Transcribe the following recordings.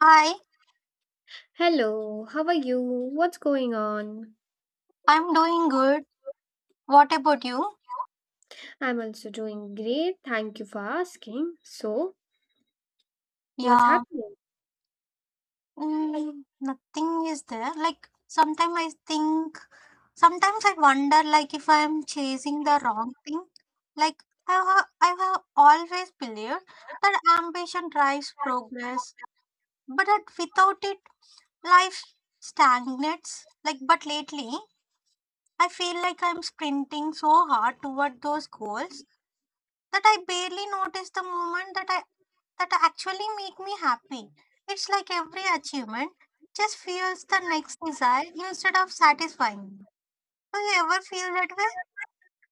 Hi, Hello, how are you? What's going on? I'm doing good. What about you? I'm also doing great. Thank you for asking. So, what's Yeah, happening? Nothing is there. Sometimes I wonder, like if I'm chasing the wrong thing. Like I have always believed that ambition drives progress, but that without it, life stagnates. Like, but lately, I feel like I'm sprinting so hard toward those goals that I barely notice the moment that I that actually make me happy. It's like every achievement just fuels the next desire instead of satisfying me. Do you ever feel that way?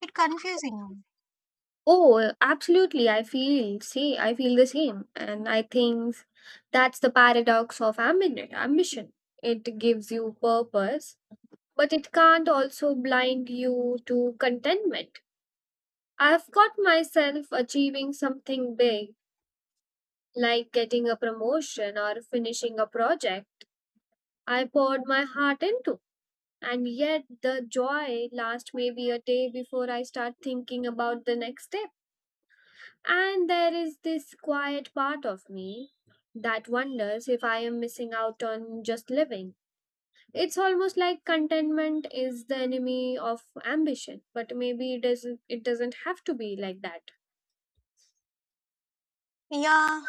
It confusing you. Oh, absolutely. I feel, see, I feel the same. And I think that's the paradox of ambition. It gives you purpose, but it can't also blind you to contentment. I've got myself achieving something big, like getting a promotion or finishing a project I poured my heart into. And yet, the joy lasts maybe a day before I start thinking about the next step. And there is this quiet part of me that wonders if I am missing out on just living. It's almost like contentment is the enemy of ambition, but maybe it doesn't have to be like that. Yeah,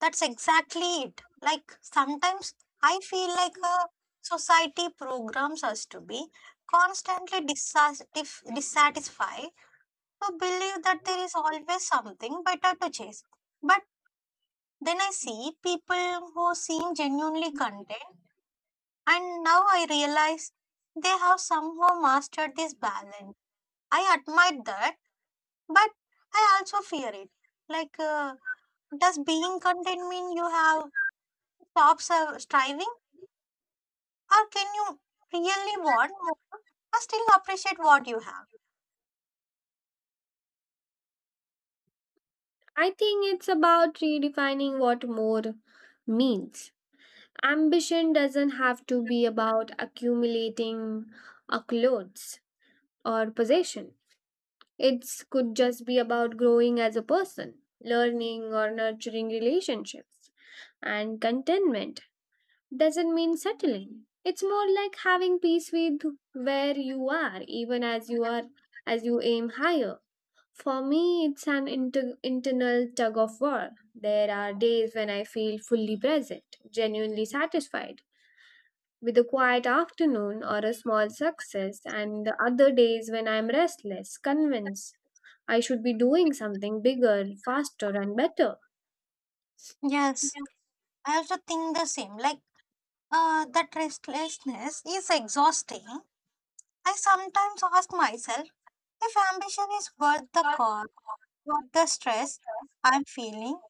that's exactly it. Like sometimes I feel like a society programs us to be constantly dissatisfied, to believe that there is always something better to chase. But then I see people who seem genuinely content, and now I realize they have somehow mastered this balance. I admire that, but I also fear it. Like, uh, does being content mean you have stopped striving, or can you really want more, but still appreciate what you have? I think it's about redefining what more means. Ambition doesn't have to be about accumulating a clothes or possession. It could just be about growing as a person, learning or nurturing relationships. And contentment doesn't mean settling. It's more like having peace with where you are, even as you aim higher. For me, it's an internal tug of war. There are days when I feel fully present, genuinely satisfied with a quiet afternoon or a small success, and the other days when I'm restless, convinced I should be doing something bigger, faster, and better. Yes, I also think the same. That restlessness is exhausting. I sometimes ask myself if ambition is worth the cost. Not the stress I'm feeling,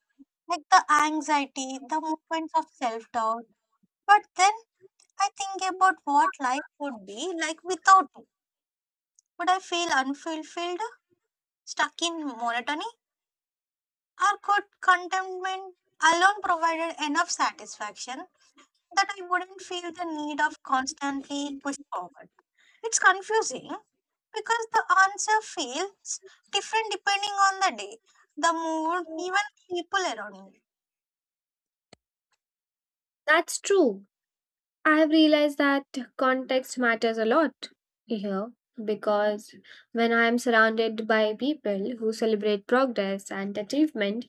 like the anxiety, the moments of self doubt. But then I think about what life would be like without it. Would I feel unfulfilled, stuck in monotony, or could contentment alone provided enough satisfaction that I wouldn't feel the need of constantly push forward? It's confusing because the answer feels different depending on the day, the mood, even people around me. That's true. I have realized that context matters a lot here, because when I am surrounded by people who celebrate progress and achievement,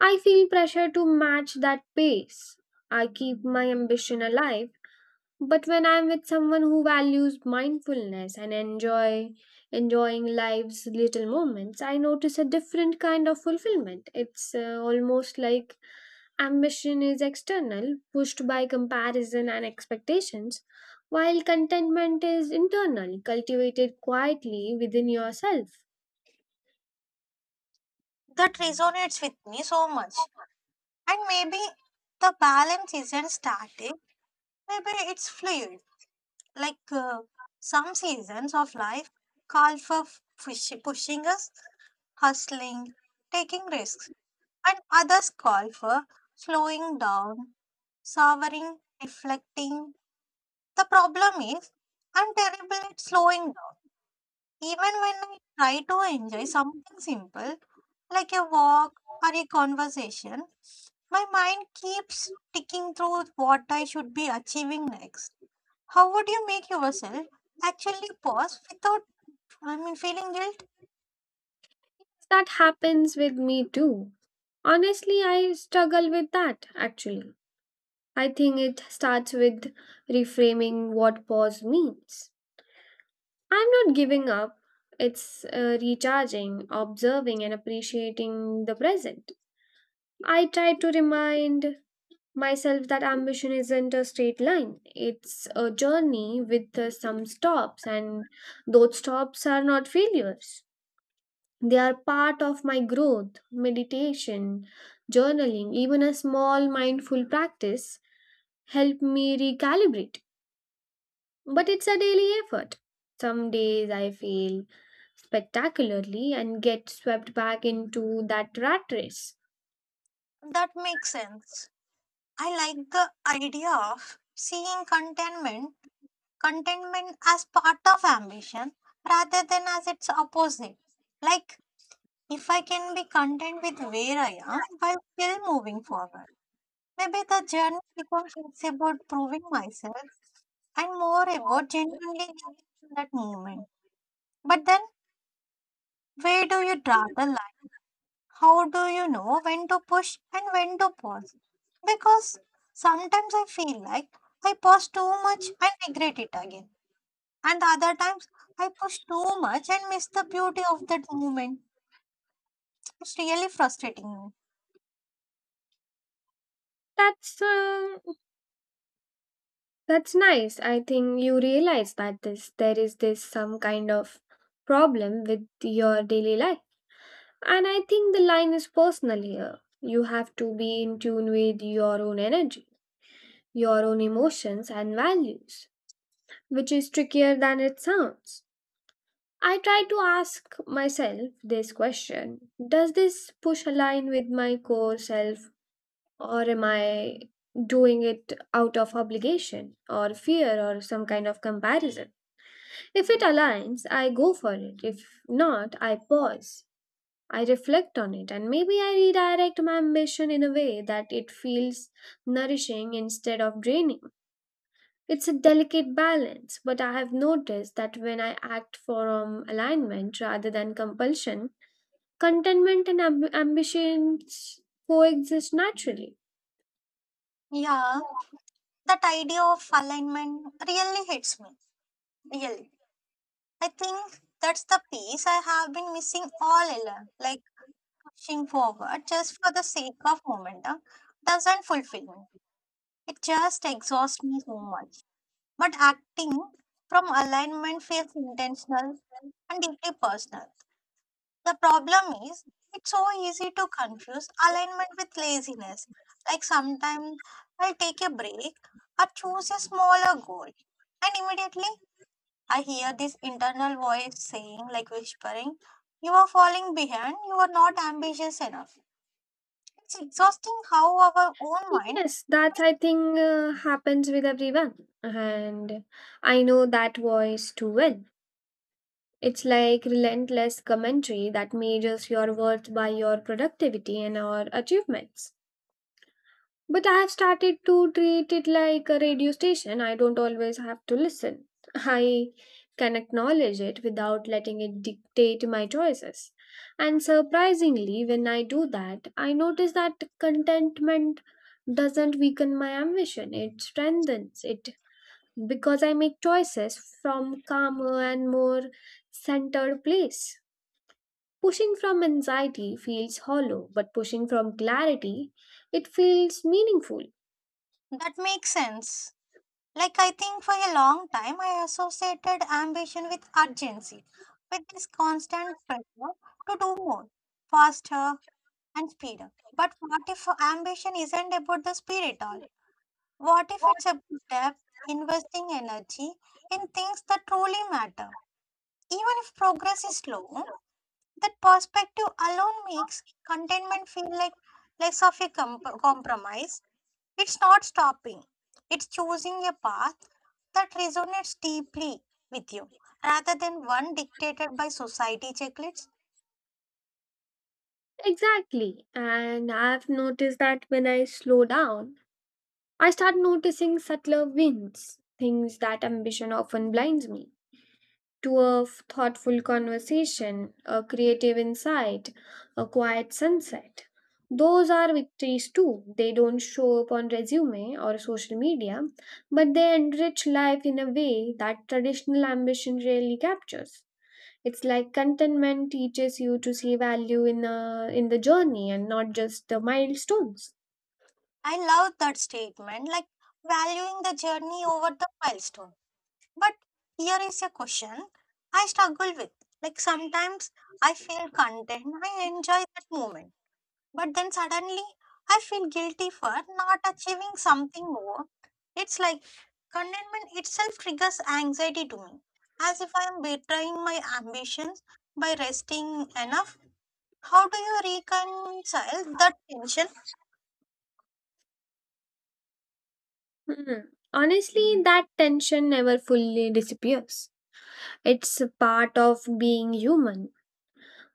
I feel pressure to match that pace. I keep my ambition alive. But when I'm with someone who values mindfulness and enjoying life's little moments, I notice a different kind of fulfillment. It's almost like ambition is external, pushed by comparison and expectations, while contentment is internal, cultivated quietly within yourself. That resonates with me so much. And maybe the balance isn't static, maybe it's fluid. Like uh, some seasons of life call for pushing us, hustling, taking risks, and others call for slowing down, savoring, reflecting. The problem is, I'm terrible at slowing down. Even when I try to enjoy something simple, like a walk or a conversation, my mind keeps ticking through what I should be achieving next. How would you make yourself actually pause without, feeling guilt? That happens with me too. Honestly, I struggle with that actually. I think it starts with reframing what pause means. I'm not giving up. It's recharging, observing, and appreciating the present. I try to remind myself that ambition isn't a straight line, it's a journey with some stops, and those stops are not failures. They are part of my growth, meditation, journaling, even a small mindful practice help me recalibrate. But it's a daily effort. Some days I feel spectacularly and get swept back into that rat race. That makes sense. I like the idea of seeing contentment as part of ambition rather than as its opposite. Like, if I can be content with where I am while still moving forward, maybe the journey becomes less about proving myself and more about genuinely living in that moment. But then, where do you draw the line? How do you know when to push and when to pause? Because sometimes I feel like I pause too much and regret it again. And the other times, I push too much and miss the beauty of that moment. It's really frustrating That's um, that's nice. I think you realize that this there is this some kind of problem with your daily life. And I think the line is personal here. You have to be in tune with your own energy, your own emotions and values, which is trickier than it sounds. I try to ask myself this question: does this push align with my core self? Or am I doing it out of obligation or fear or some kind of comparison? If it aligns, I go for it. If not, I pause. I reflect on it and maybe I redirect my ambition in a way that it feels nourishing instead of draining. It's a delicate balance, but I have noticed that when I act from alignment rather than compulsion, contentment and ambitions coexist naturally. me. Yeah, that idea of alignment really hits me. Really. I think that's the piece I have been missing all along. Like, pushing forward just for the sake of momentum doesn't fulfill me. It just exhausts me so much. But acting from alignment feels intentional and deeply personal. The problem is, it's so easy to confuse alignment with laziness. Like sometimes I take a break or choose a smaller goal, and immediately I hear this internal voice saying, like whispering, you are falling behind, you are not ambitious enough. It's exhausting how our own mind. Yes, that's I think happens with everyone, and I know that voice too well. It's like relentless commentary that measures your worth by your productivity and our achievements. But I have started to treat it like a radio station. I don't always have to listen. I can acknowledge it without letting it dictate my choices. And surprisingly, when I do that, I notice that contentment doesn't weaken my ambition, it strengthens it, because I make choices from calmer and more centered place. Pushing from anxiety feels hollow, but pushing from clarity, it feels meaningful. That makes sense. Like I think for a long time I associated ambition with urgency, with this constant pressure to do more, faster and speeder. But what if ambition isn't about the speed at all? What if it's about depth, investing energy in things that truly matter? Even if progress is slow, that perspective alone makes contentment feel like less of a compromise. It's not stopping, it's choosing a path that resonates deeply with you rather than one dictated by society checklists. Exactly. And I've noticed that when I slow down, I start noticing subtler winds, things that ambition often blinds me to: a thoughtful conversation, a creative insight, a quiet sunset. Those are victories too. They don't show up on resume or social media, but they enrich life in a way that traditional ambition rarely captures. It's like contentment teaches you to see value in in the journey and not just the milestones. I love that statement, like valuing the journey over the milestone. But here is a question I struggle with. Like sometimes I feel content, I enjoy that moment. But then suddenly I feel guilty for not achieving something more. It's like contentment itself triggers anxiety to me, as if I am betraying my ambitions by resting enough. How do you reconcile that tension? Hmm. Honestly, that tension never fully disappears. It's a part of being human.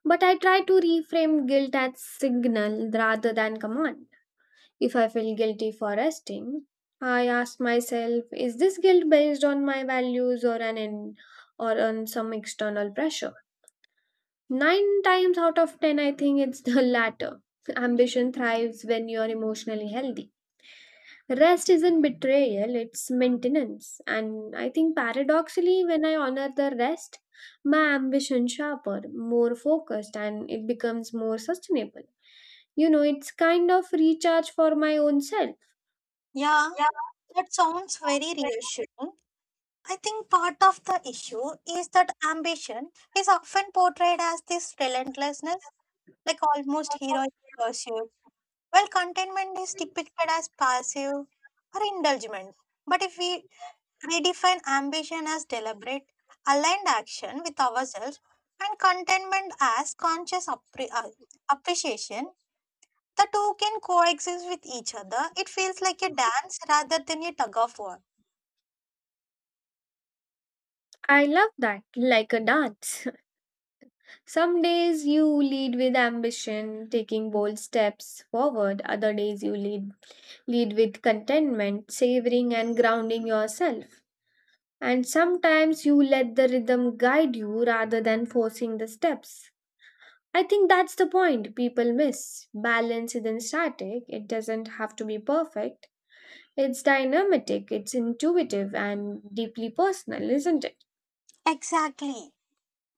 But I try to reframe guilt as signal rather than command. If I feel guilty for resting, I ask myself, is this guilt based on my values or on some external pressure? Nine times out of ten, I think it's the latter. Ambition thrives when you're emotionally healthy. Rest isn't betrayal, it's maintenance. And I think paradoxically, when I honor the rest, my ambition sharper, more focused, and it becomes more sustainable. You know, it's kind of recharge for my own self. Yeah, that sounds very reassuring. I think part of the issue is that ambition is often portrayed as this relentlessness, like almost heroic pursuit. Well, contentment is depicted as passive or indulgent. But if we redefine ambition as deliberate, aligned action with ourselves, and contentment as conscious appreciation, the two can coexist with each other. It feels like a dance rather than a tug of war. I love that, like a dance. Some days you lead with ambition, taking bold steps forward, other days you lead with contentment, savoring and grounding yourself. And sometimes you let the rhythm guide you rather than forcing the steps. I think that's the point people miss. Balance isn't static, it doesn't have to be perfect. It's dynamic, it's intuitive, and deeply personal, isn't it? Exactly.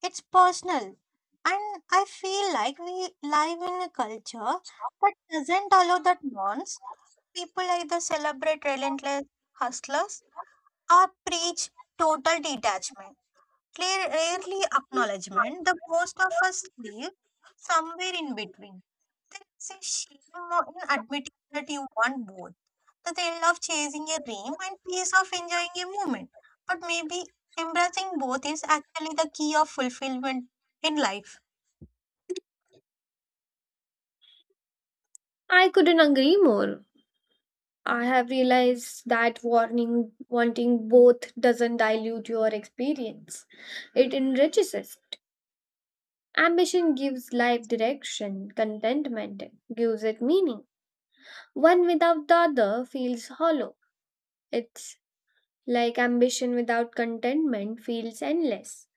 It's personal. And I feel like we live in a culture that doesn't allow that nonce. People either celebrate relentless hustlers or preach total detachment, clear, rarely acknowledgement. The most of us live somewhere in between. There is a shame in admitting that you want both the thrill of chasing a dream and peace of enjoying a moment. But maybe embracing both is actually the key of fulfillment in life. I couldn't agree more. I have realized that wanting both doesn't dilute your experience, it enriches it. Ambition gives life direction, contentment gives it meaning. One without the other feels hollow. It's like ambition without contentment feels endless,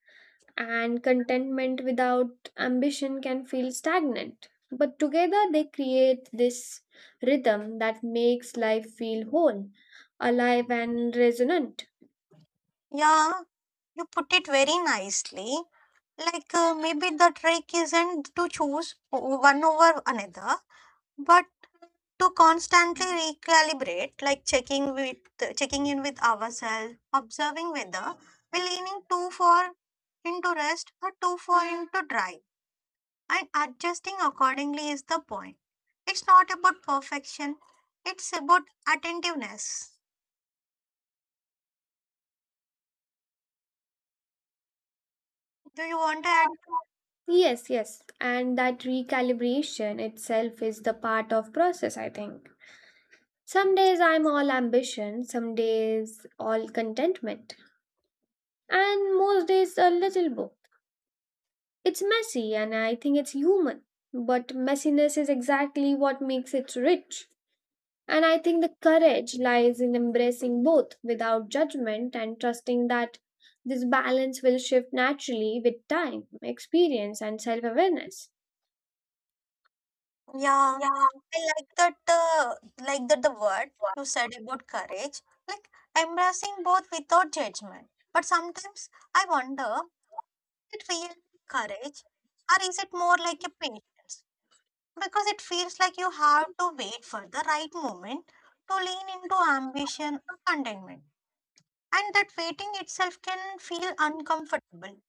and contentment without ambition can feel stagnant. But together they create this rhythm that makes life feel whole, alive, and resonant. Yeah, you put it very nicely. Maybe the trick isn't to choose one over another, but to constantly recalibrate, like checking in with ourselves, observing whether we're leaning too far into rest or too far into drive, and adjusting accordingly is the point. It's not about perfection; it's about attentiveness. Do you want to add? Yes. And that recalibration itself is the part of process, I think. Some days I'm all ambition, some days all contentment, and most days a little both. It's messy and I think it's human, but messiness is exactly what makes it rich. And I think the courage lies in embracing both without judgment and trusting that this balance will shift naturally with time, experience, and self awareness. Yeah, I like that. The word you said about courage, like embracing both without judgment. But sometimes I wonder, it real courage, or is it more like a patience? Because it feels like you have to wait for the right moment to lean into ambition or contentment. And that waiting itself can feel uncomfortable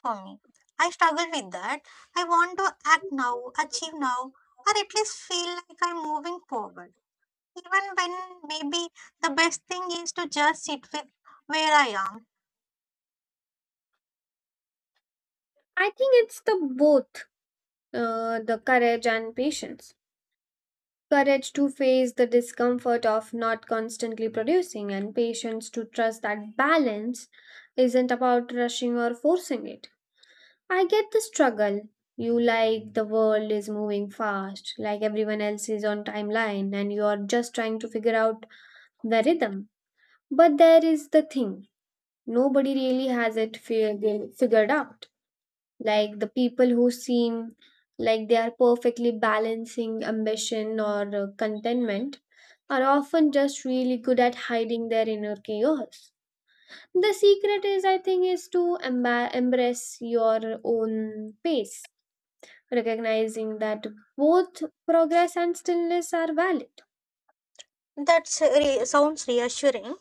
for me. I struggle with that. I want to act now, achieve now, or at least feel like I'm moving forward. Even when maybe the best thing is to just sit with where I am. I think it's the both, the courage and patience. Courage to face the discomfort of not constantly producing, and patience to trust that balance isn't about rushing or forcing it. I get the struggle. You like the world is moving fast, like everyone else is on timeline, and you are just trying to figure out the rhythm. But there is the thing, nobody really has it figured out, like the people who seem like they are perfectly balancing ambition or contentment are often just really good at hiding their inner chaos. The secret is, I think, is to embrace your own pace, recognizing that both progress and stillness are valid. That sounds reassuring.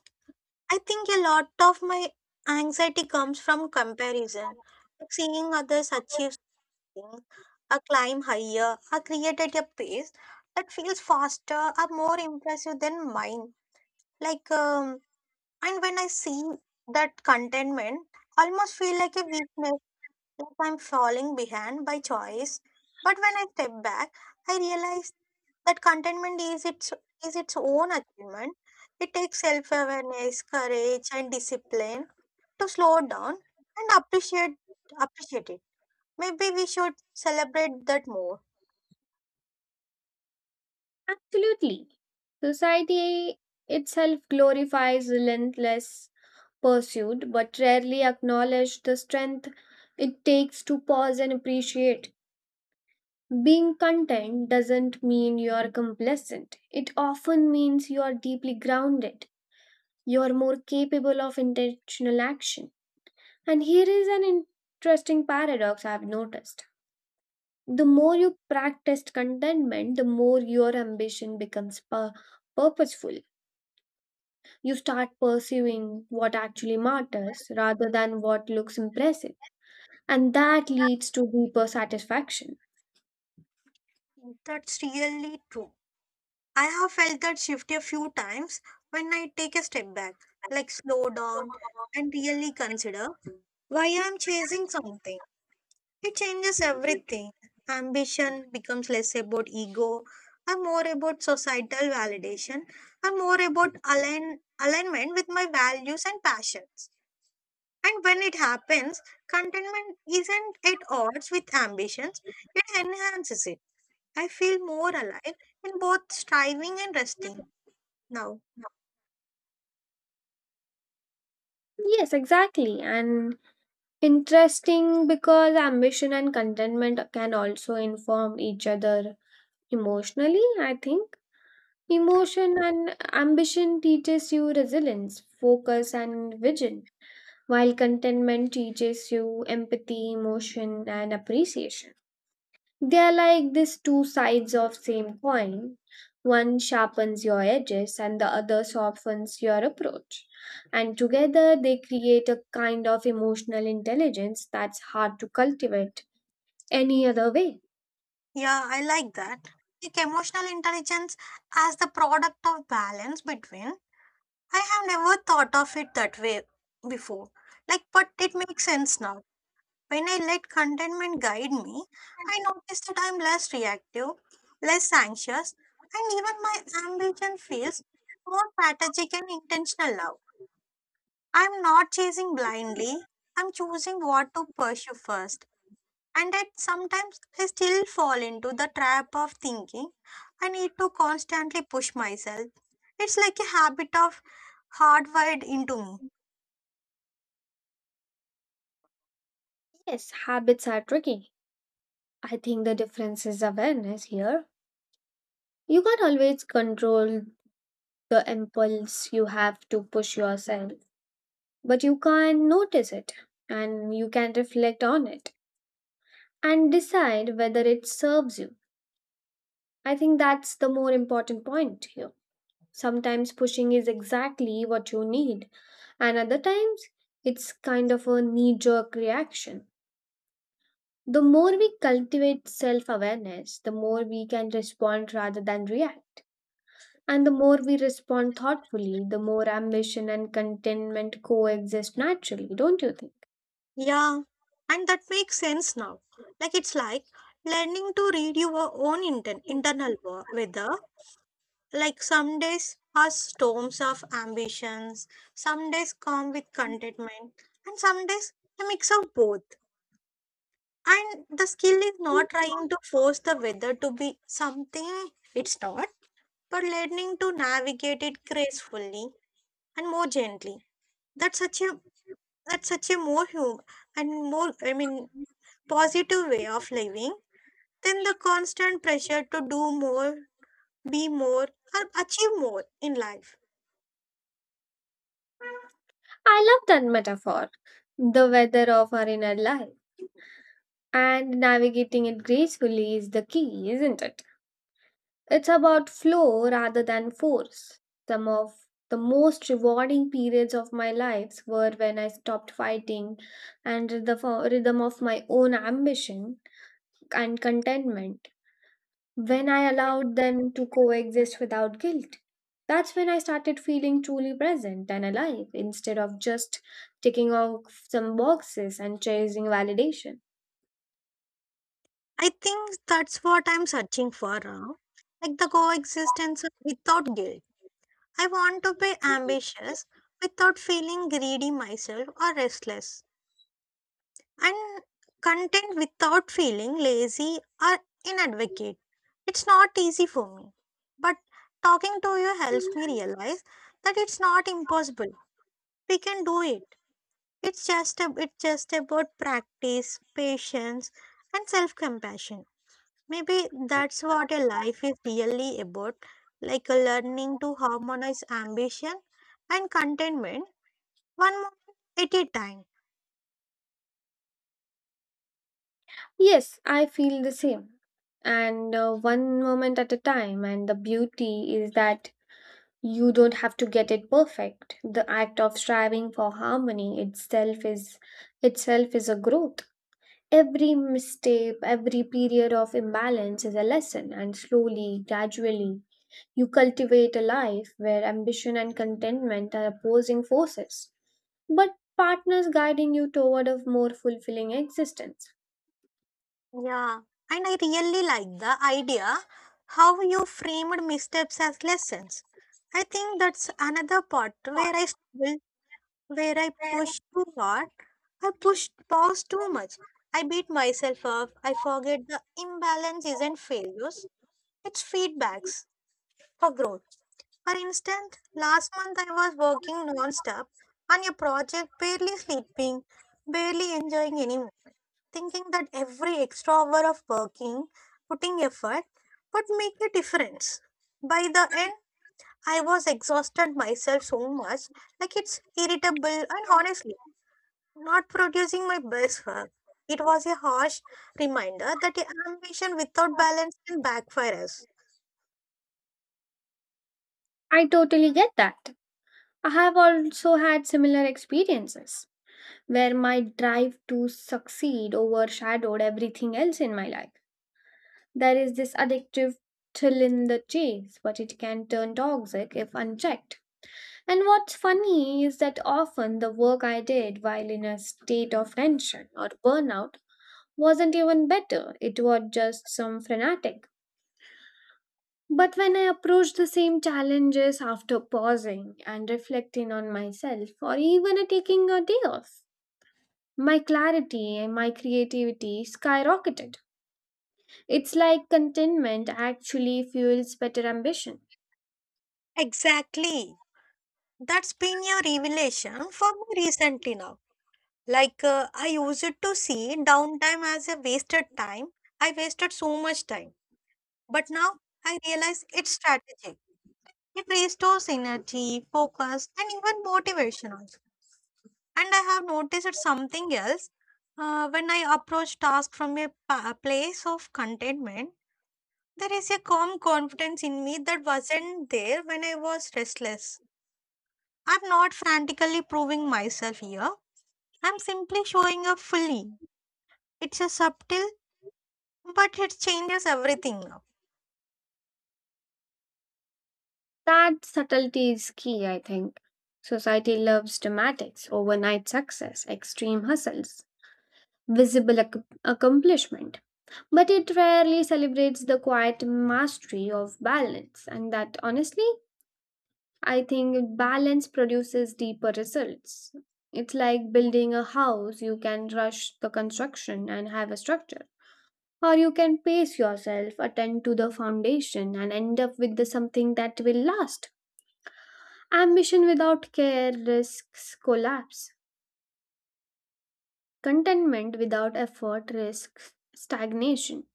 I think a lot of my anxiety comes from comparison, like seeing others achieve things, or climb higher, or create at a pace that feels faster or more impressive than mine. Like, um, and when I see that contentment, almost feel like a weakness, like I'm falling behind by choice. But when I step back, I realize that contentment is its own achievement. It takes self awareness, courage, and discipline to slow down and appreciate it. Maybe we should celebrate that more. Absolutely. Society itself glorifies relentless pursued but rarely acknowledge the strength it takes to pause and appreciate. Being content doesn't mean you're complacent, it often means you're deeply grounded, you're more capable of intentional action. And here is an interesting paradox I've noticed. The more you practice contentment, the more your ambition becomes purposeful. You start pursuing what actually matters rather than what looks impressive, and that leads to deeper satisfaction. That's really true. I have felt that shift a few times when I take a step back, like slow down and really consider why I'm chasing something. It changes everything. Ambition becomes less about ego and more about societal validation and more about alignment with my values and passions. And when it happens, contentment isn't at odds with ambitions, it enhances it. I feel more alive in both striving and resting now. Yes, exactly. And interesting because ambition and contentment can also inform each other emotionally, I think. Emotion and ambition teaches you resilience, focus and vision, while contentment teaches you empathy, emotion and appreciation. They are like these two sides of same coin. One sharpens your edges and the other softens your approach. And together they create a kind of emotional intelligence that's hard to cultivate any other way. Yeah, I like that. Like emotional intelligence as the product of balance between. I have never thought of it that way before. Like, but it makes sense now. When I let contentment guide me, I notice that I'm less reactive, less anxious, and even my ambition feels more strategic and intentional now. I'm not chasing blindly, I'm choosing what to pursue first. And that sometimes I still fall into the trap of thinking I need to constantly push myself. It's like a habit of hardwired into me. Yes, habits are tricky. I think the difference is awareness here. You can't always control the impulse you have to push yourself, but you can notice it and you can reflect on it and decide whether it serves you. I think that's the more important point here. Sometimes pushing is exactly what you need, and other times it's kind of a knee jerk reaction. The more we cultivate self awareness, the more we can respond rather than react. And the more we respond thoughtfully, the more ambition and contentment coexist naturally, don't you think? Yeah, and that makes sense now. Like it's like learning to read your own internal weather. Like some days are storms of ambitions, some days come with contentment, and some days a mix of both. And the skill is not trying to force the weather to be something it's not, but learning to navigate it gracefully and more gently. That's such a that's such a more human and more positive way of living then the constant pressure to do more, be more, or achieve more in life. I love that metaphor. The weather of our inner life and navigating it gracefully is the key, isn't it? It's about flow rather than force. Some of the most rewarding periods of my life were when I stopped fighting and the rhythm of my own ambition and contentment, when I allowed them to coexist without guilt. That's when I started feeling truly present and alive instead of just ticking off some boxes and chasing validation. I think that's what I'm searching for now. Like the coexistence without guilt. I want to be ambitious without feeling greedy myself or restless, and content without feeling lazy or inadvocate. It's not easy for me, but talking to you helps me realize that it's not impossible. We can do it. It's just about practice, patience, and self-compassion. Maybe that's what a life is really about, like a learning to harmonize ambition and contentment one moment at a time. Yes, I feel the same. And one moment at a time. And the beauty is that you don't have to get it perfect. The act of striving for harmony itself is a growth. Every misstep, every period of imbalance is a lesson, and slowly, gradually, you cultivate a life where ambition and contentment are opposing forces, but partners guiding you toward a more fulfilling existence. Yeah. And I really like the idea how you framed missteps as lessons. I think that's another part where I struggle, where I push too hard. I pushed pause too much. I beat myself up. I forget the imbalance isn't failures, it's feedbacks for growth. For instance, last month I was working non-stop on a project, barely sleeping, barely enjoying anymore, thinking that every extra hour of working, putting effort would make a difference. By the end, I was exhausted myself so much, like it's irritable and honestly not producing my best work. It was a harsh reminder that ambition without balance can backfire us. I totally get that. I have also had similar experiences where my drive to succeed overshadowed everything else in my life. There is this addictive thrill in the chase, but it can turn toxic if unchecked. And what's funny is that often the work I did while in a state of tension or burnout wasn't even better, it was just some frenetic. But when I approach the same challenges after pausing and reflecting on myself, or even a taking a day off, my clarity and my creativity skyrocketed. It's like contentment actually fuels better ambition. Exactly. That's been your revelation for me recently now. I used to see downtime as a wasted time. I wasted so much time. But now I realize it's strategic. It restores energy, focus, and even motivation also. And I have noticed something else. When I approach tasks from a place of contentment, there is a calm confidence in me that wasn't there when I was restless. I'm not frantically proving myself here. I'm simply showing up fully. It's a subtle, but it changes everything now. That subtlety is key, I think. Society loves dramatics, overnight success, extreme hustles, visible accomplishment, but it rarely celebrates the quiet mastery of balance. And that, honestly, I think balance produces deeper results. It's like building a house, you can rush the construction and have a structure. Or you can pace yourself, attend to the foundation, and end up with the something that will last. Ambition without care risks collapse. Contentment without effort risks stagnation.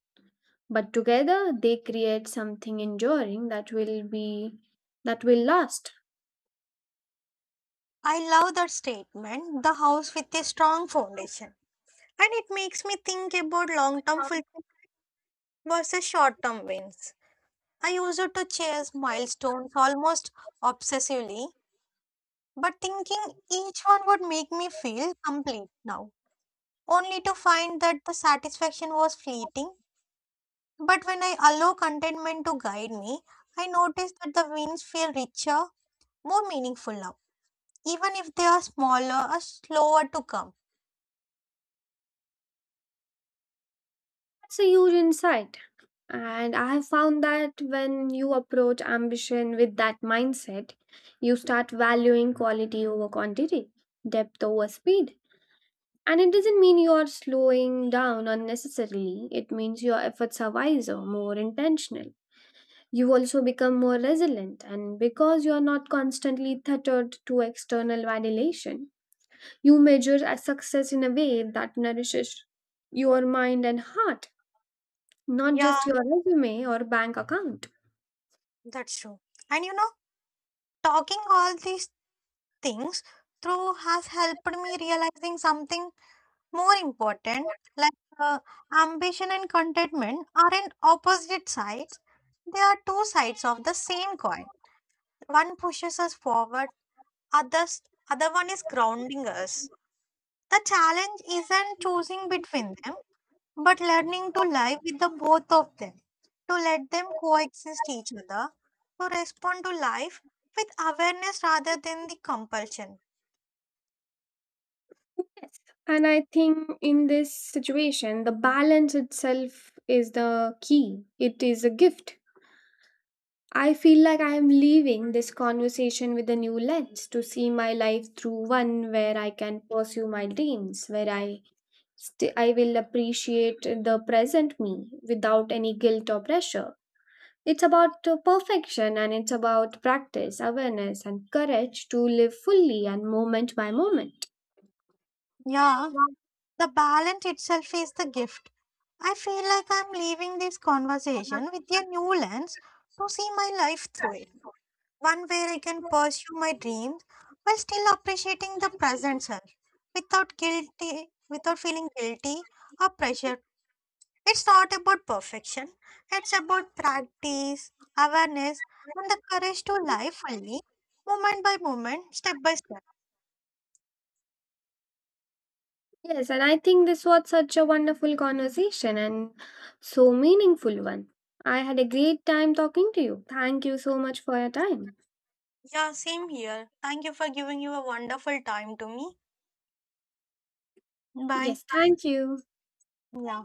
But together they create something enduring that will last. I love that statement, the house with a strong foundation. And it makes me think about long term fulfillment versus short term wins. I used to chase milestones almost obsessively, but thinking each one would make me feel complete now, only to find that the satisfaction was fleeting. But when I allow contentment to guide me, I notice that the wins feel richer, more meaningful now, even if they are smaller or slower to come. That's a huge insight. And I have found that when you approach ambition with that mindset, you start valuing quality over quantity, depth over speed. And it doesn't mean you're slowing down unnecessarily, it means your efforts are wiser, more intentional. You also become more resilient, and because you're not constantly tethered to external validation, you measure a success in a way that nourishes your mind and heart, not Yeah, just your resume or bank account. that's true. And you know, talking all these things through has helped me realizing something more important. Ambition and contentment aren't opposite sides, they are two sides of the same coin. One pushes us forward, others other one is grounding us. The challenge isn't choosing between them, but learning to live with the both of them, to let them coexist each other, to respond to life with awareness rather than the compulsion. Yes. And I think in this situation, the balance itself is the key. It is a gift. I feel like I am leaving this conversation with a new lens to see my life through, one where I can pursue my dreams, where I will appreciate the present me without any guilt or pressure. It's about perfection and it's about practice, awareness, and courage to live fully and moment by moment. Yeah. The balance itself is the gift. I feel like I'm leaving this conversation with a new lens to see my life through it. One where I can pursue my dreams while still appreciating the present self without feeling guilty or pressure. It's not about perfection. It's about practice, awareness, and the courage to live fully, moment by moment, step by step. Yes, and I think this was such a wonderful conversation and so meaningful one. I had a great time talking to you. Thank you so much for your time. Yeah, same here. Thank you for giving you a wonderful time to me. Bye. Yes, thank you. Yeah.